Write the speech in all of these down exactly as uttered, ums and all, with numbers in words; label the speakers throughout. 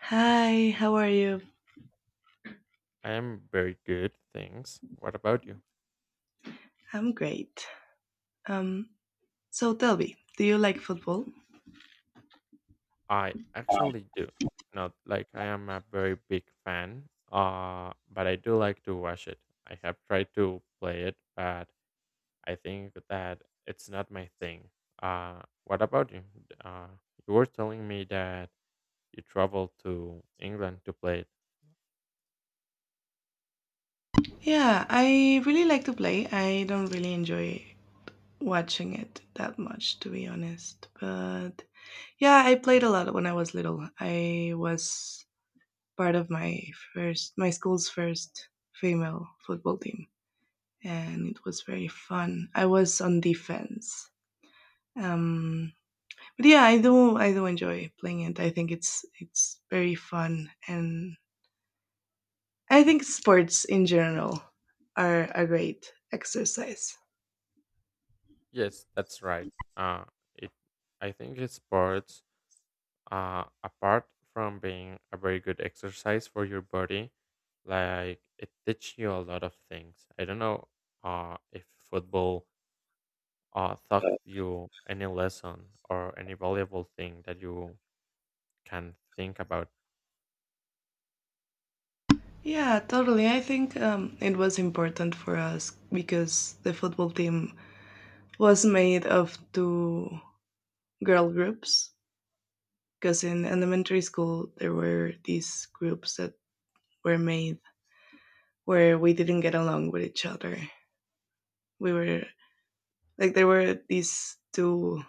Speaker 1: Hi, how are you?
Speaker 2: I am very good, thanks. What about you?
Speaker 1: I'm great. Um, so tell me, do you like football?
Speaker 2: I actually do. Not like I am a very big fan, uh, but I do like to watch it. I have tried to play it, but I think that it's not my thing. Uh, what about you? Uh, you were telling me that you traveled to England to play it.
Speaker 1: Yeah, I really like to play. I don't really enjoy watching it that much, to be honest. But yeah, I played a lot when I was little. I was part of my first, my school's first female football team, and it was very fun. I was on defense. Um, but yeah, I do, I do enjoy playing it. I think it's it's very fun, and I think sports in general are a great exercise.
Speaker 2: Yes, that's right. Uh, it. I think it's sports uh, apart from being a very good exercise for your body, like it teach you a lot of things. I don't know uh, if football uh, taught you any lesson or any valuable thing that you can think about.
Speaker 1: Yeah, totally. I think um, it was important for us because the football team was made of two girl groups. Because in elementary school, there were these groups that were made where we didn't get along with each other. We were like, there were these two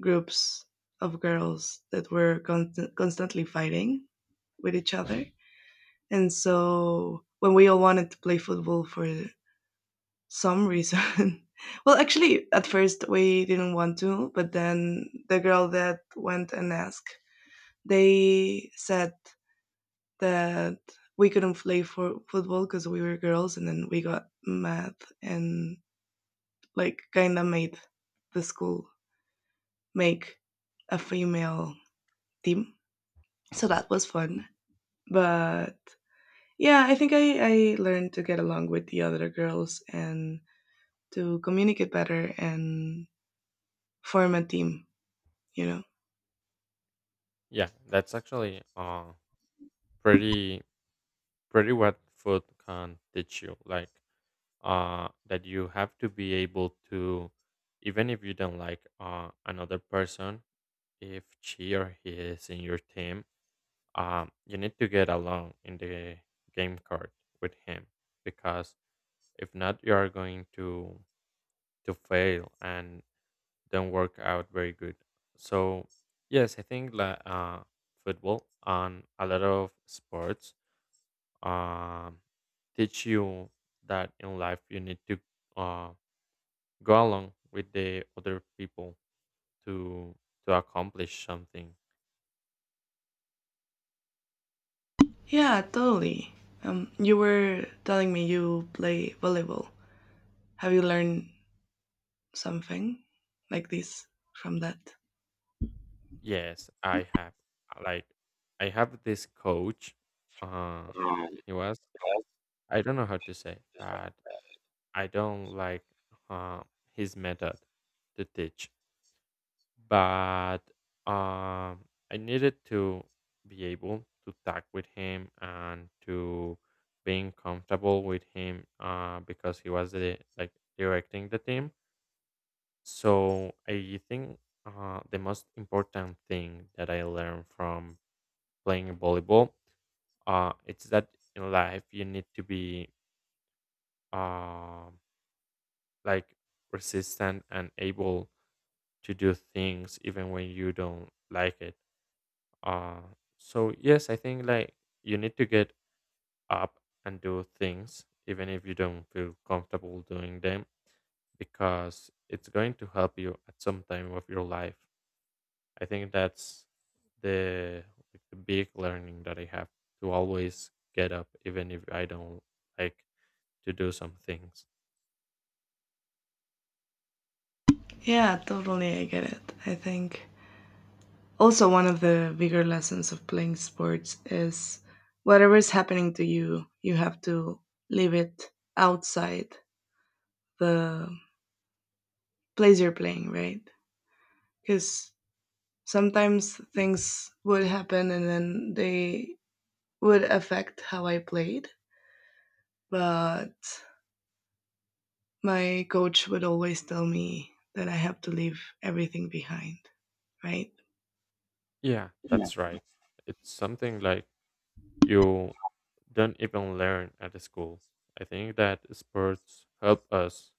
Speaker 1: groups of girls that were constant constantly fighting with each other. And so when we all wanted to play football for some reason well, actually, at first we didn't want to, but then the girl that went and asked, they said that we couldn't play for football because we were girls, and then we got mad and like kind of made the school make a female team. So that was fun. But yeah, I think I, I learned to get along with the other girls and to communicate better and form a team, you know?
Speaker 2: Yeah, that's actually uh, pretty pretty what food can teach you. Like, uh, that you have to be able to, even if you don't like uh, another person, if she or he is in your team, um, you need to get along in the game card with him, because if not, you are going to to fail and don't work out very good. So yes, I think that uh, football and a lot of sports um, teach you that in life you need to uh, go along with the other people to to accomplish something.
Speaker 1: Yeah, totally. Um, you were telling me you play volleyball. Have you learned something like this from that?
Speaker 2: Yes, I have. uh, Like, I have this coach. Uh, he was, I don't know how to say, but I don't like, uh, his method to teach. But um, I needed to be able to talk with him and to being comfortable with him, uh, because he was the, like directing the team. So I think, uh, the most important thing that I learned from playing volleyball. Uh, it's that in life you need to be, um like resistant and able to do things even when you don't like it. Uh, so yes, I think like you need to get up and do things even if you don't feel comfortable doing them, because it's going to help you at some time of your life. I think that's the like the big learning that I have, to always get up even if I don't like to do some things.
Speaker 1: Yeah, totally. I get it. I think also one of the bigger lessons of playing sports is whatever is happening to you, you have to leave it outside the place you're playing, right? Because sometimes things would happen and then they would affect how I played. But my coach would always tell me that I have to leave everything behind, right?
Speaker 2: Yeah, that's right. It's something like you don't even learn at the school. I think that sports help us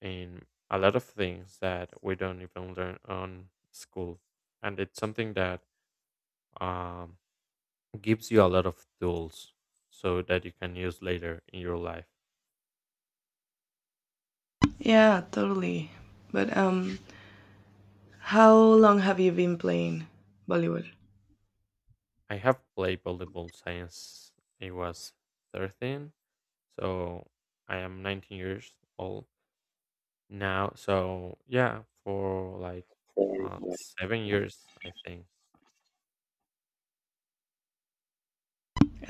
Speaker 2: in a lot of things that we don't even learn on school. And it's something that, um, gives you a lot of tools so that you can use later in your life.
Speaker 1: Yeah, totally. But um, how long have you been playing volleyball?
Speaker 2: I have played volleyball since I was thirteen. So I am nineteen years old now. So yeah, for like uh, seven years, I think.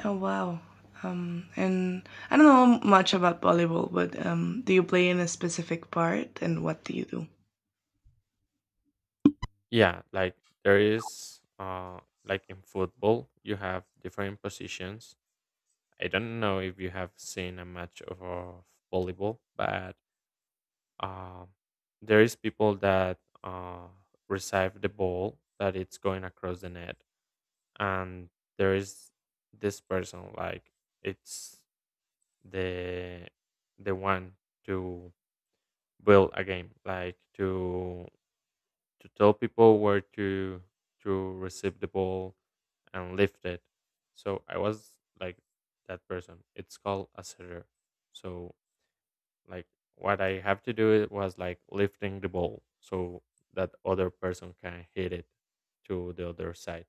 Speaker 1: Oh wow. Um, and I don't know much about volleyball, but um, do you play in a specific part, and what do you do?
Speaker 2: Yeah, like there is, uh, like in football, you have different positions. I don't know if you have seen a match of uh, volleyball, but um, there is people that uh, receive the ball that it's going across the net, and there is this person, like it's the the one to build a game, like to to tell people where to to receive the ball and lift it. So I was like That person, it's called a setter. So, like, what I have to do it was like lifting the ball, so that other person can hit it to the other side.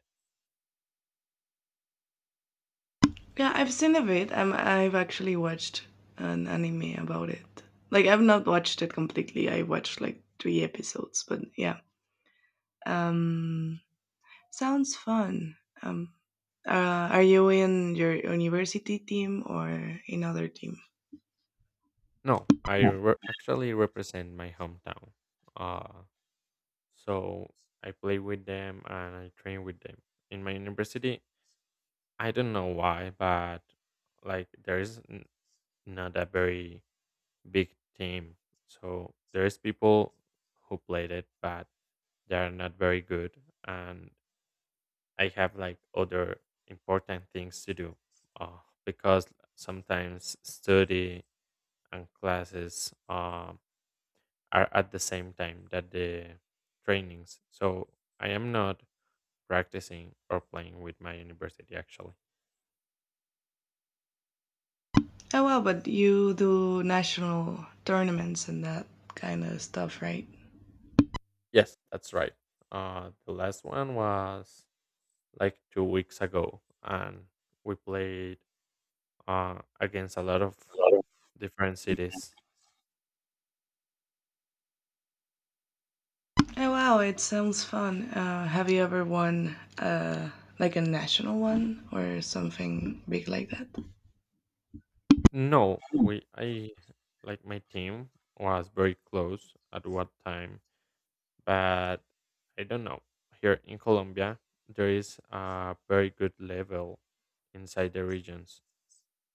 Speaker 1: Yeah, I've seen of it. Um, I've actually watched an anime about it. Like, I've not watched it completely. I watched like three episodes, but yeah. Um, sounds fun. Um, uh, are you in your university team or another team?
Speaker 2: No, I re- actually represent my hometown. Uh, so I play with them and I train with them. In my university, I don't know why, but like there is n- not a very big team. So there's people who played it, but they are not very good. And I have like other important things to do, uh, because sometimes study and classes, Um, are at the same time that the trainings. So I am not practicing or playing with my university actually.
Speaker 1: Oh well, but you do national tournaments and that kind of stuff, right?
Speaker 2: Yes, that's right. Uh, the last one was like two weeks ago, and we played uh, against a lot of different cities.
Speaker 1: Oh wow, it sounds fun. Uh, have you ever won uh, like a national one or something big like that?
Speaker 2: No, we I like my team was very close at what time, but I don't know. Here in Colombia, there is a very good level inside the regions.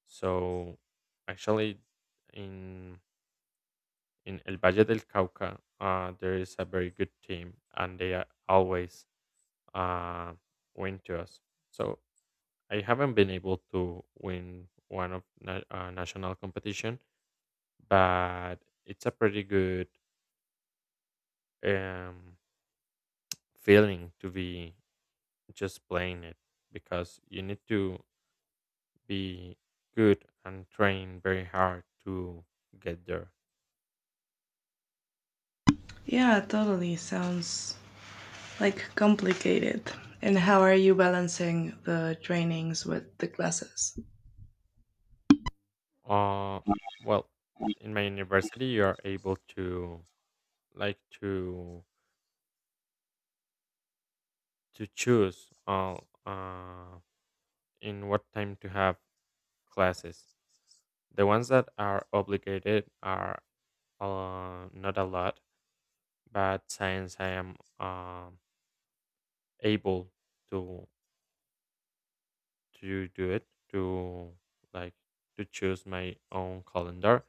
Speaker 2: So actually, in in El Valle del Cauca, uh, there is a very good team, and they are always uh, win to us. So I haven't been able to win one of na- uh, national competition, but it's a pretty good, um, feeling to be just playing it, because you need to be good and train very hard to get there.
Speaker 1: Yeah, totally. Sounds like complicated. And how are you balancing the trainings with the classes?
Speaker 2: Uh, well, in my university, you are able to like to to choose, uh, uh, in what time to have classes. The ones that are obligated are, uh, not a lot, but since I am um able to to do it, to like to choose my own calendar.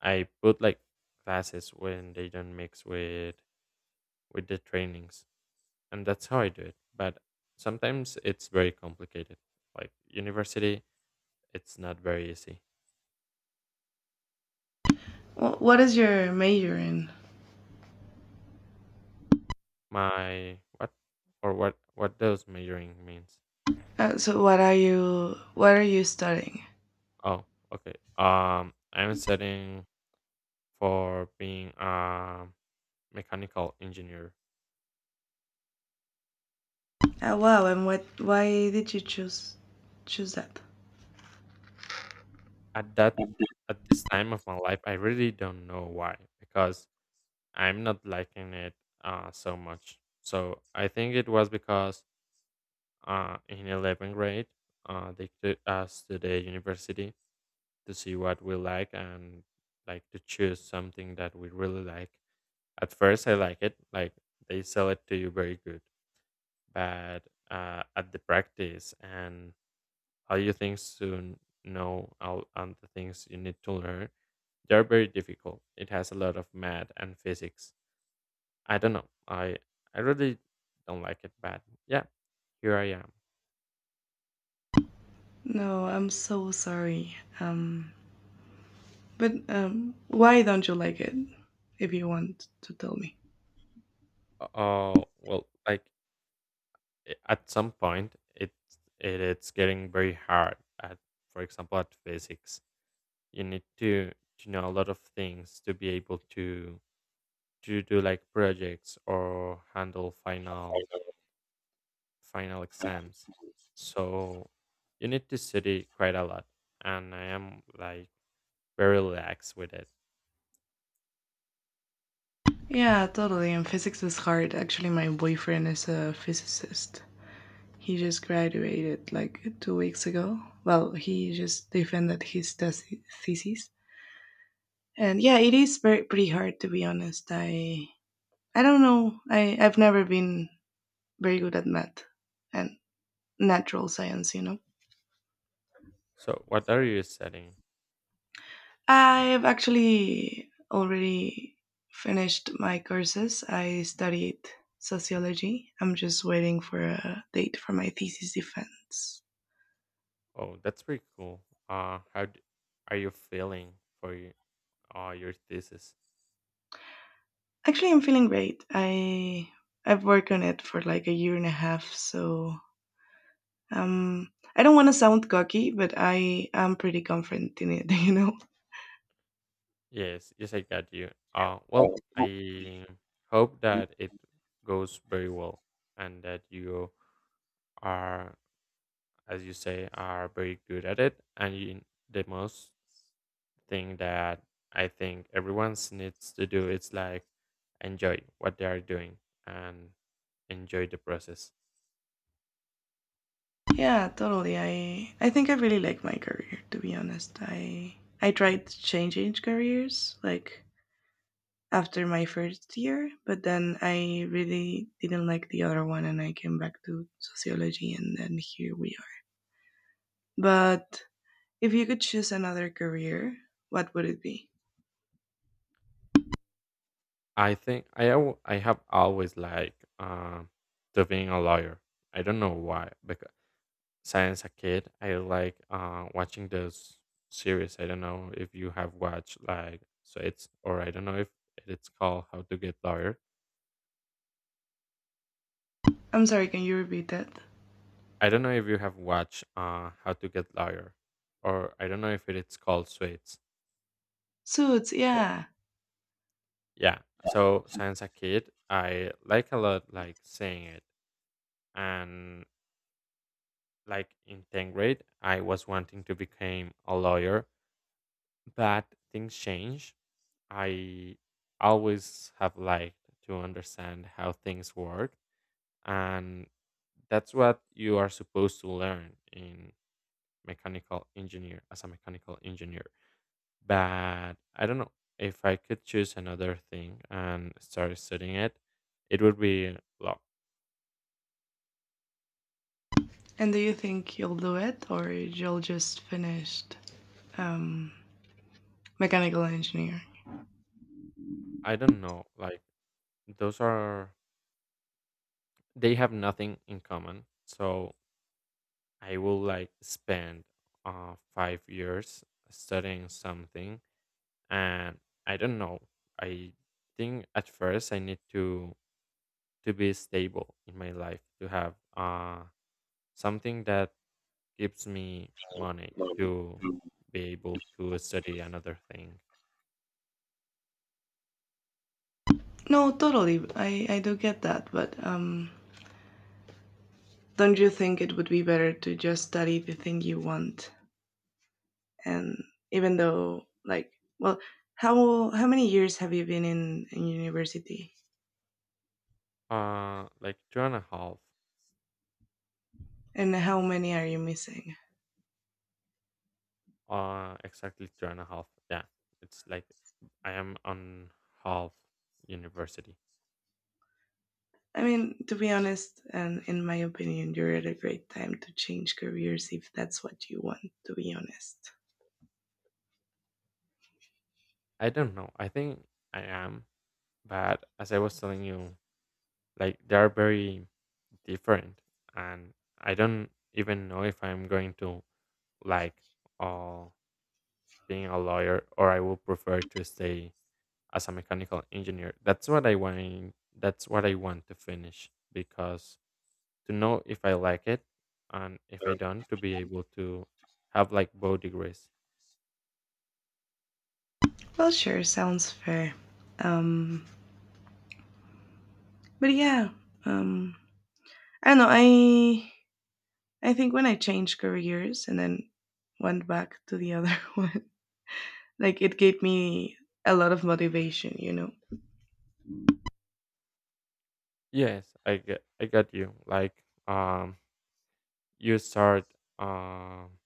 Speaker 2: I put like classes when they don't mix with with the trainings, and that's how I do it. But sometimes it's very complicated. Like university, it's not very easy.
Speaker 1: Wh- What is your major in?
Speaker 2: My what? Or what what does majoring means?
Speaker 1: Uh, so what are you what are you studying?
Speaker 2: Oh, okay. Um, I'm studying for being a mechanical engineer.
Speaker 1: Uh, wow, and what why did you choose choose that?
Speaker 2: at that at this time of my life, I really don't know why, because I'm not liking it uh, so much. So I think it was because, uh, in eleventh grade, uh, they took us to the university to see what we like, and like to choose something that we really like. At first I like it, like they sell it to you very good. But, uh, at the practice and all you things to know all and the things you need to learn, they're very difficult. It has a lot of math and physics. I don't know. I I really don't like it, but yeah, here I am.
Speaker 1: No, I'm so sorry. Um, but um, why don't you like it? If you want to tell me.
Speaker 2: Oh well, like, i- at some point, it's it, it's getting very hard. At, for example, at physics, you need to to know a lot of things to be able to to do like projects or handle final final exams. So you need to study quite a lot, and I am like very relaxed with it.
Speaker 1: Yeah, totally. And physics is hard. Actually, my boyfriend is a physicist. He just graduated like two weeks ago. Well, he just defended his thes- thesis, and yeah, it is very pretty hard, to be honest. I I don't know. I I've never been very good at math and natural science, you know.
Speaker 2: So, what are you setting?
Speaker 1: I've actually already finished my courses. I studied sociology. I'm just waiting for a date for my thesis defense.
Speaker 2: Oh, that's pretty cool. Uh, how d- are you feeling for y- uh, your thesis?
Speaker 1: Actually, I'm feeling great. I I've worked on it for like a year and a half, so um, I don't want to sound cocky, but I am pretty confident in it. You know?
Speaker 2: Yes, yes, I got you. Uh,
Speaker 1: Oh.
Speaker 2: well, I hope that it goes very well, and that you are, as you say, are very good at it. And you, the most thing that I think everyone's needs to do is like enjoy what they are doing and enjoy the process.
Speaker 1: Yeah, totally. I I think I really like my career. To be honest, I I tried changing careers like after my first year, but then I really didn't like the other one, and I came back to sociology, and then here we are. But if you could choose another career, what would it be?
Speaker 2: I think I al- I have always liked um to being a lawyer. I don't know why. Because since a kid, I like uh, watching those series. I don't know if you have watched like Suits, or I don't know if it's called How to Get Lawyer.
Speaker 1: I'm sorry, can you repeat that?
Speaker 2: I don't know if you have watched uh, How to Get Lawyer, or I don't know if it's called Suits.
Speaker 1: Suits, yeah.
Speaker 2: Yeah. So since a kid, I like a lot like seeing it, and like in tenth grade I was wanting to become a lawyer. But things change. I always have liked to understand how things work, and that's what you are supposed to learn in mechanical engineer as a mechanical engineer. But I don't know, if I could choose another thing and start studying it, it would be law.
Speaker 1: And do you think you'll do it or you'll just finish um, mechanical engineering?
Speaker 2: I don't know, like those are, they have nothing in common. So I will like spend uh, five years studying something, and I don't know. I think at first I need to to be stable in my life to have uh something that gives me money
Speaker 1: Money.
Speaker 2: to
Speaker 1: Mm.
Speaker 2: be able to study another thing.
Speaker 1: No, totally. I, I do get that, but um, don't you think it would be better to just study the thing you want? And even though, like, well, how how many years have you been in, in university,
Speaker 2: Uh, like two and a half.
Speaker 1: and how many are you missing?
Speaker 2: Uh, exactly two and a half. Yeah, it's like I am on half university.
Speaker 1: I mean, to be honest, and in my opinion, you're at a great time to change careers if that's what you want, to be honest.
Speaker 2: I don't know. I think I am. But as I was telling you, like they are very different, and I don't even know if I'm going to like, uh, being a lawyer, or I would prefer to stay as a mechanical engineer. That's what I want. That's what I want to finish, because to know if I like it, and if I don't, to be able to have like both degrees.
Speaker 1: Well, sure, sounds fair. Um, but yeah, um, I don't know. I I think when I changed careers and then went back to the other one, like it gave me a lot of motivation, you know.
Speaker 2: Yes, I get, I got you. Like, um, you start, um.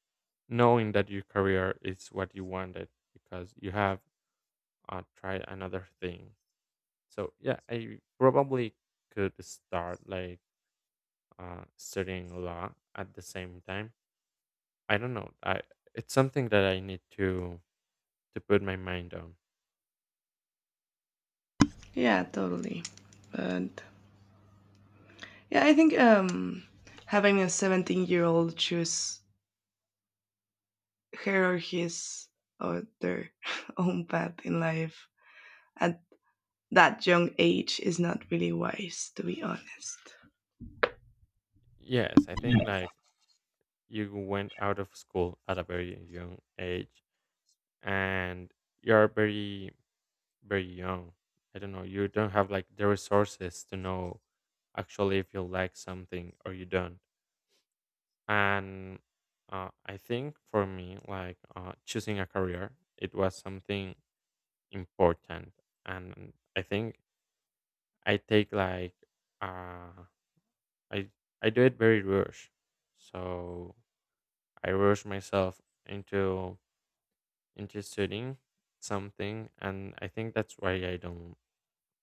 Speaker 2: knowing that your career is what you wanted, because you have uh, tried another thing. So yeah, I probably could start like, uh, studying law at the same time. I don't know. I it's something that I need to to put my mind on.
Speaker 1: Yeah, totally. But yeah, I think um, having a seventeen year old choose her or his or their own path in life at that young age is not really wise, to be honest.
Speaker 2: Yes, I think like you went out of school at a very young age, and you're very very young. I don't know. You don't have like the resources to know actually if you like something or you don't. And uh, I think for me, like, uh, choosing a career, it was something important. And I think I take like, uh, I I do it very rush. So I rush myself into into studying something, and I think that's why I don't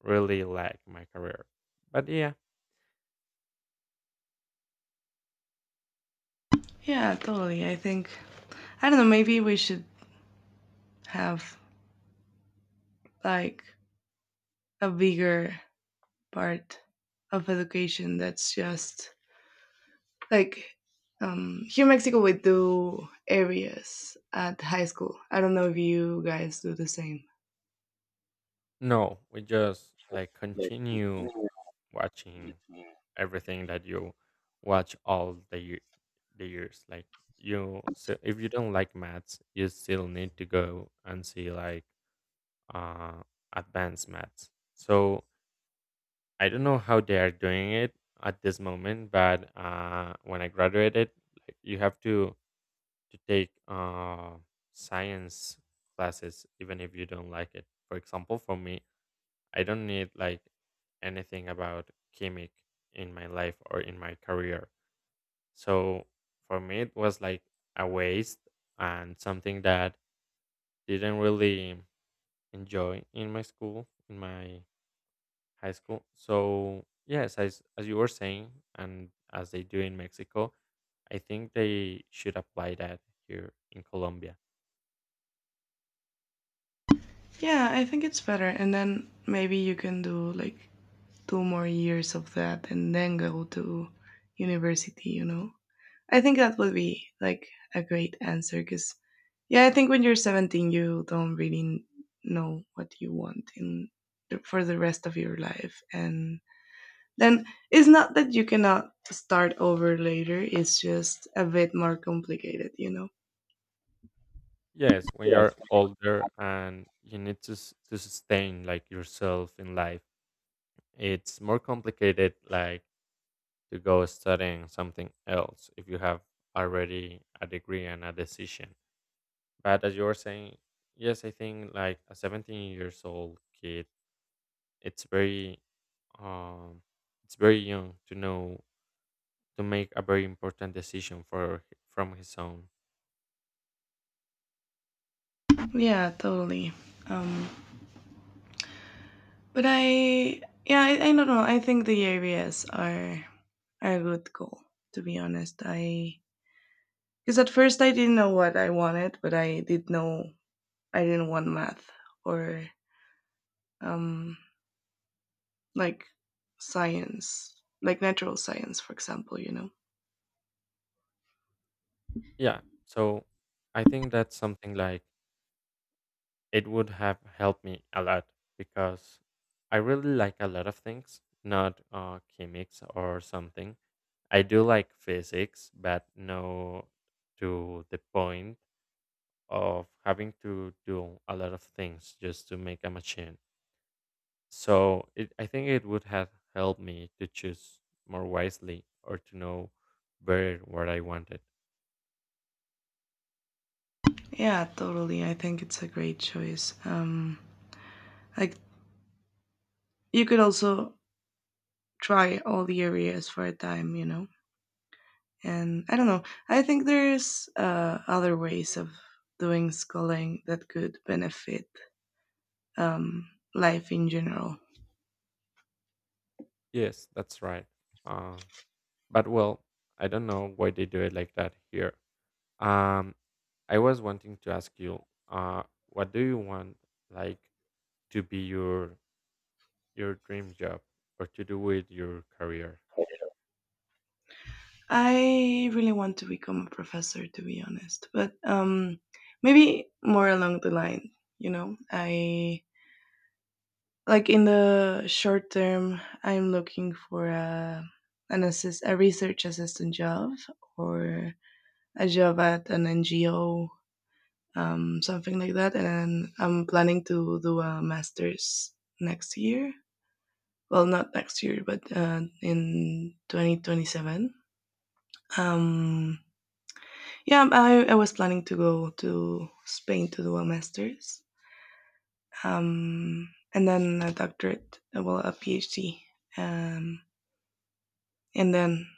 Speaker 2: really like my career. But yeah,
Speaker 1: Yeah, totally. I think, I don't know, maybe we should have like a bigger part of education that's just like um, here in Mexico, we do areas at high school. I don't know if you guys do the same.
Speaker 2: no, we just like continue watching everything that you watch all the ye- the years. Like you, so if you don't like maths, you still need to go and see like uh advanced maths. So I don't know how they are doing it at this moment, but uh when I graduated, like you have to to take uh science classes even if you don't like it. For example, for me, I don't need like anything about gimmick in my life or in my career. So for me, it was like a waste and something that didn't really enjoy in my school, in my high school. So yes, as as you were saying, and as they do in Mexico, I think they should apply that here in Colombia.
Speaker 1: Yeah, I think it's better. And then maybe you can do like two more years of that and then go to university, you know? I think that would be like a great answer because, yeah, I think when you're seventeen, you don't really know what you want in for the rest of your life. And then it's not that you cannot start over later, it's just a bit more complicated, you know?
Speaker 2: Yes, when
Speaker 1: Right.
Speaker 2: you're older and you need to s- to sustain like yourself in life, it's more complicated, like to go studying something else if you have already a degree and a decision. But as you were saying, yes, I think like a seventeen years old kid, it's very um it's very young to know, to make a very important decision for from his own.
Speaker 1: Yeah, totally. Um, but I, yeah, I, I don't know. I think the areas are I would go, to be honest. I because at first I didn't know what I wanted, but I did know I didn't want math or um like science, like natural science, for example, you know.
Speaker 2: Yeah, so I think that's something like it would have helped me a lot, because I really like a lot of things, not uh, chemics or something. I do like physics, but no, to the point of having to do a lot of things just to make a machine. So it, I think it would have helped me to choose more wisely or to know better what I wanted.
Speaker 1: Yeah, totally. I think it's a great choice. Um like you could also try all the areas for a time, you know. And I don't know. I think there's uh other ways of doing schooling that could benefit um life in general.
Speaker 2: Yes, that's right. Uh, but well, I don't know why they do it like that here. Um, I was wanting to ask you, uh, what do you want like to be your your dream job or to do with your career?
Speaker 1: I really want to become a professor, to be honest, but um, maybe more along the line. You know, I like in the short term, I'm looking for a an assist, a research assistant job or a job at an N G O, um, something like that, and then I'm planning to do a master's next year. Well, not next year, but uh, in twenty twenty-seven. Um, Yeah, I, I was planning to go to Spain to do a master's, um, and then a doctorate, uh, well, a PhD, um, and then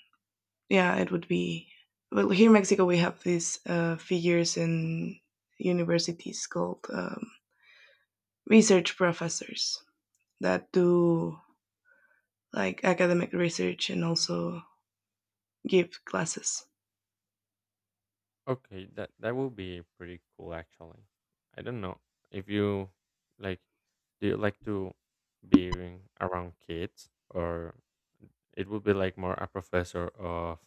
Speaker 1: yeah, it would be. Well, here in Mexico, we have these uh, figures in universities called um, research professors that do like academic research and also give classes.
Speaker 2: Okay, that that will be pretty cool actually. I don't know if you like, do you like to be around kids, or it would be like more a professor of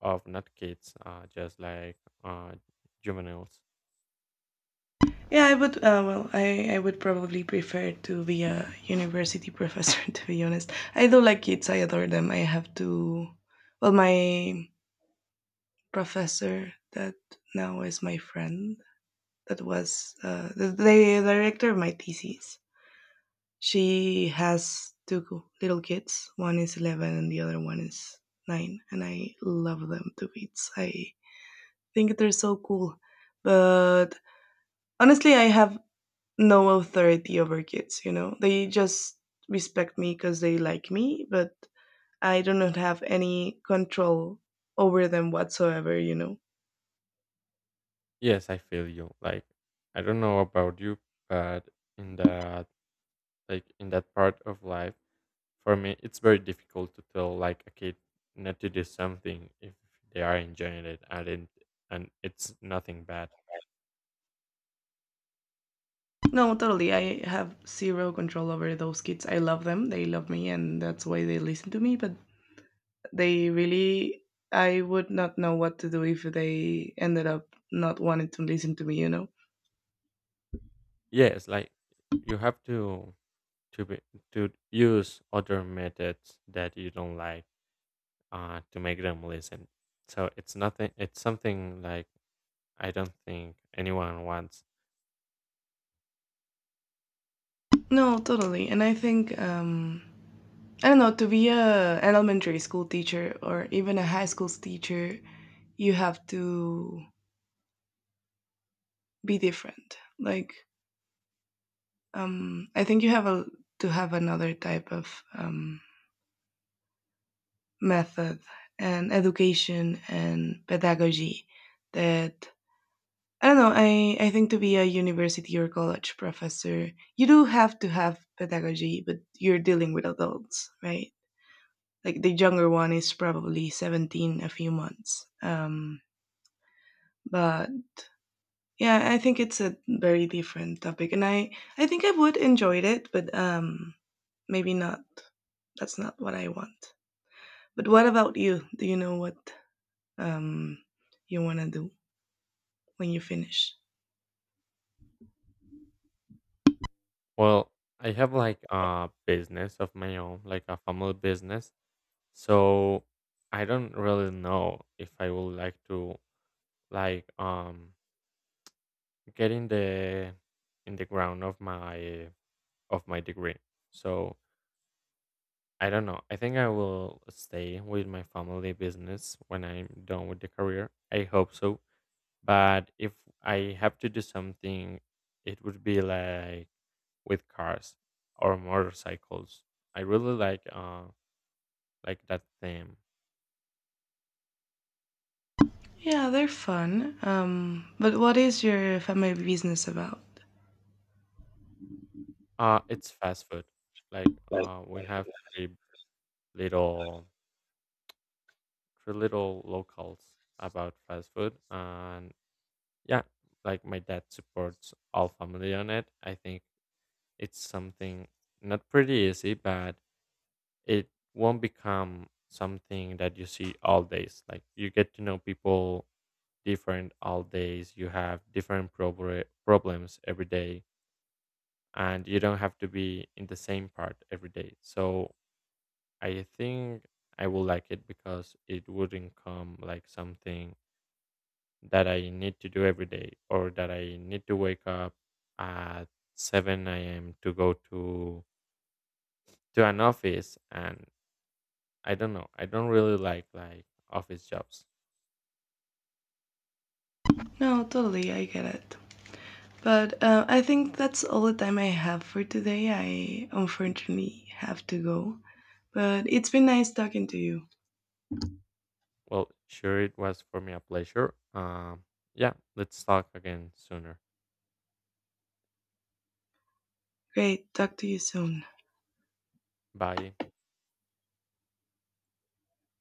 Speaker 2: of not kids, uh, just like uh juveniles.
Speaker 1: Yeah, I would. Uh, well, I, I would probably prefer to be a university professor. To be honest, I do like kids. I adore them. I have to. Well, my professor that now is my friend. That was uh, the, the director of my thesis. She has two little kids. One is eleven, and the other one is nine. And I love them to bits. I think they're so cool. But honestly, I have no authority over kids, you know. They just respect me because they like me, but I do not have any control over them whatsoever, you know.
Speaker 2: Yes, I feel you. Like I don't know about you, but in that, like in that part of life, for me it's very difficult to tell like a kid not to do something if they are enjoying it and it, and it's nothing bad.
Speaker 1: No, totally, I have zero control over those kids. I love them, they love me, and that's why they listen to me. But they really I would not know what to do if they ended up not wanting to listen to me, you know.
Speaker 2: Yes, like you have to to be, to use other methods that you don't like uh to make them listen. So it's nothing, it's something like I don't think anyone wants.
Speaker 1: No, totally. And I think um I don't know, to be a, an elementary school teacher or even a high school teacher, you have to be different. Like um, I think you have a, to have another type of um, method and education and pedagogy that I don't know. I, I think to be a university or college professor, you do have to have pedagogy, but you're dealing with adults, right? Like the younger one is probably seventeen, a few months. Um, but yeah, I think it's a very different topic, and I I think I would enjoyed it, but um, maybe not. That's not what I want. But what about you? Do you know what um you want to do when you finish?
Speaker 2: Well, I have like a business of my own, like a family business. So I don't really know if I would like to, like um get in the in the ground of my of my degree. So I don't know. I think I will stay with my family business when I'm done with the career. I hope so. But if I have to do something, it would be like with cars or motorcycles. I really like uh like that theme.
Speaker 1: Yeah, they're fun. Um, but what is your family business about?
Speaker 2: Uh it's fast food. Like uh we have three little three little locals about fast food and yeah, like my dad supports all family on it. I think it's something not pretty easy, but it won't become something that you see all days. Like you get to know people different all days. You have different probre- problems every day, and you don't have to be in the same part every day. So I think I will like it because it wouldn't come like something that I need to do every day or that I need to wake up at seven a m to go to to an office and I don't know. I don't really like like office jobs.
Speaker 1: No, totally, I get it. But uh, I think that's all the time I have for today. I unfortunately have to go. But it's been nice talking to you.
Speaker 2: Well, sure it was for me a pleasure. Um yeah, let's talk again sooner.
Speaker 1: Great, talk to you soon.
Speaker 2: Bye.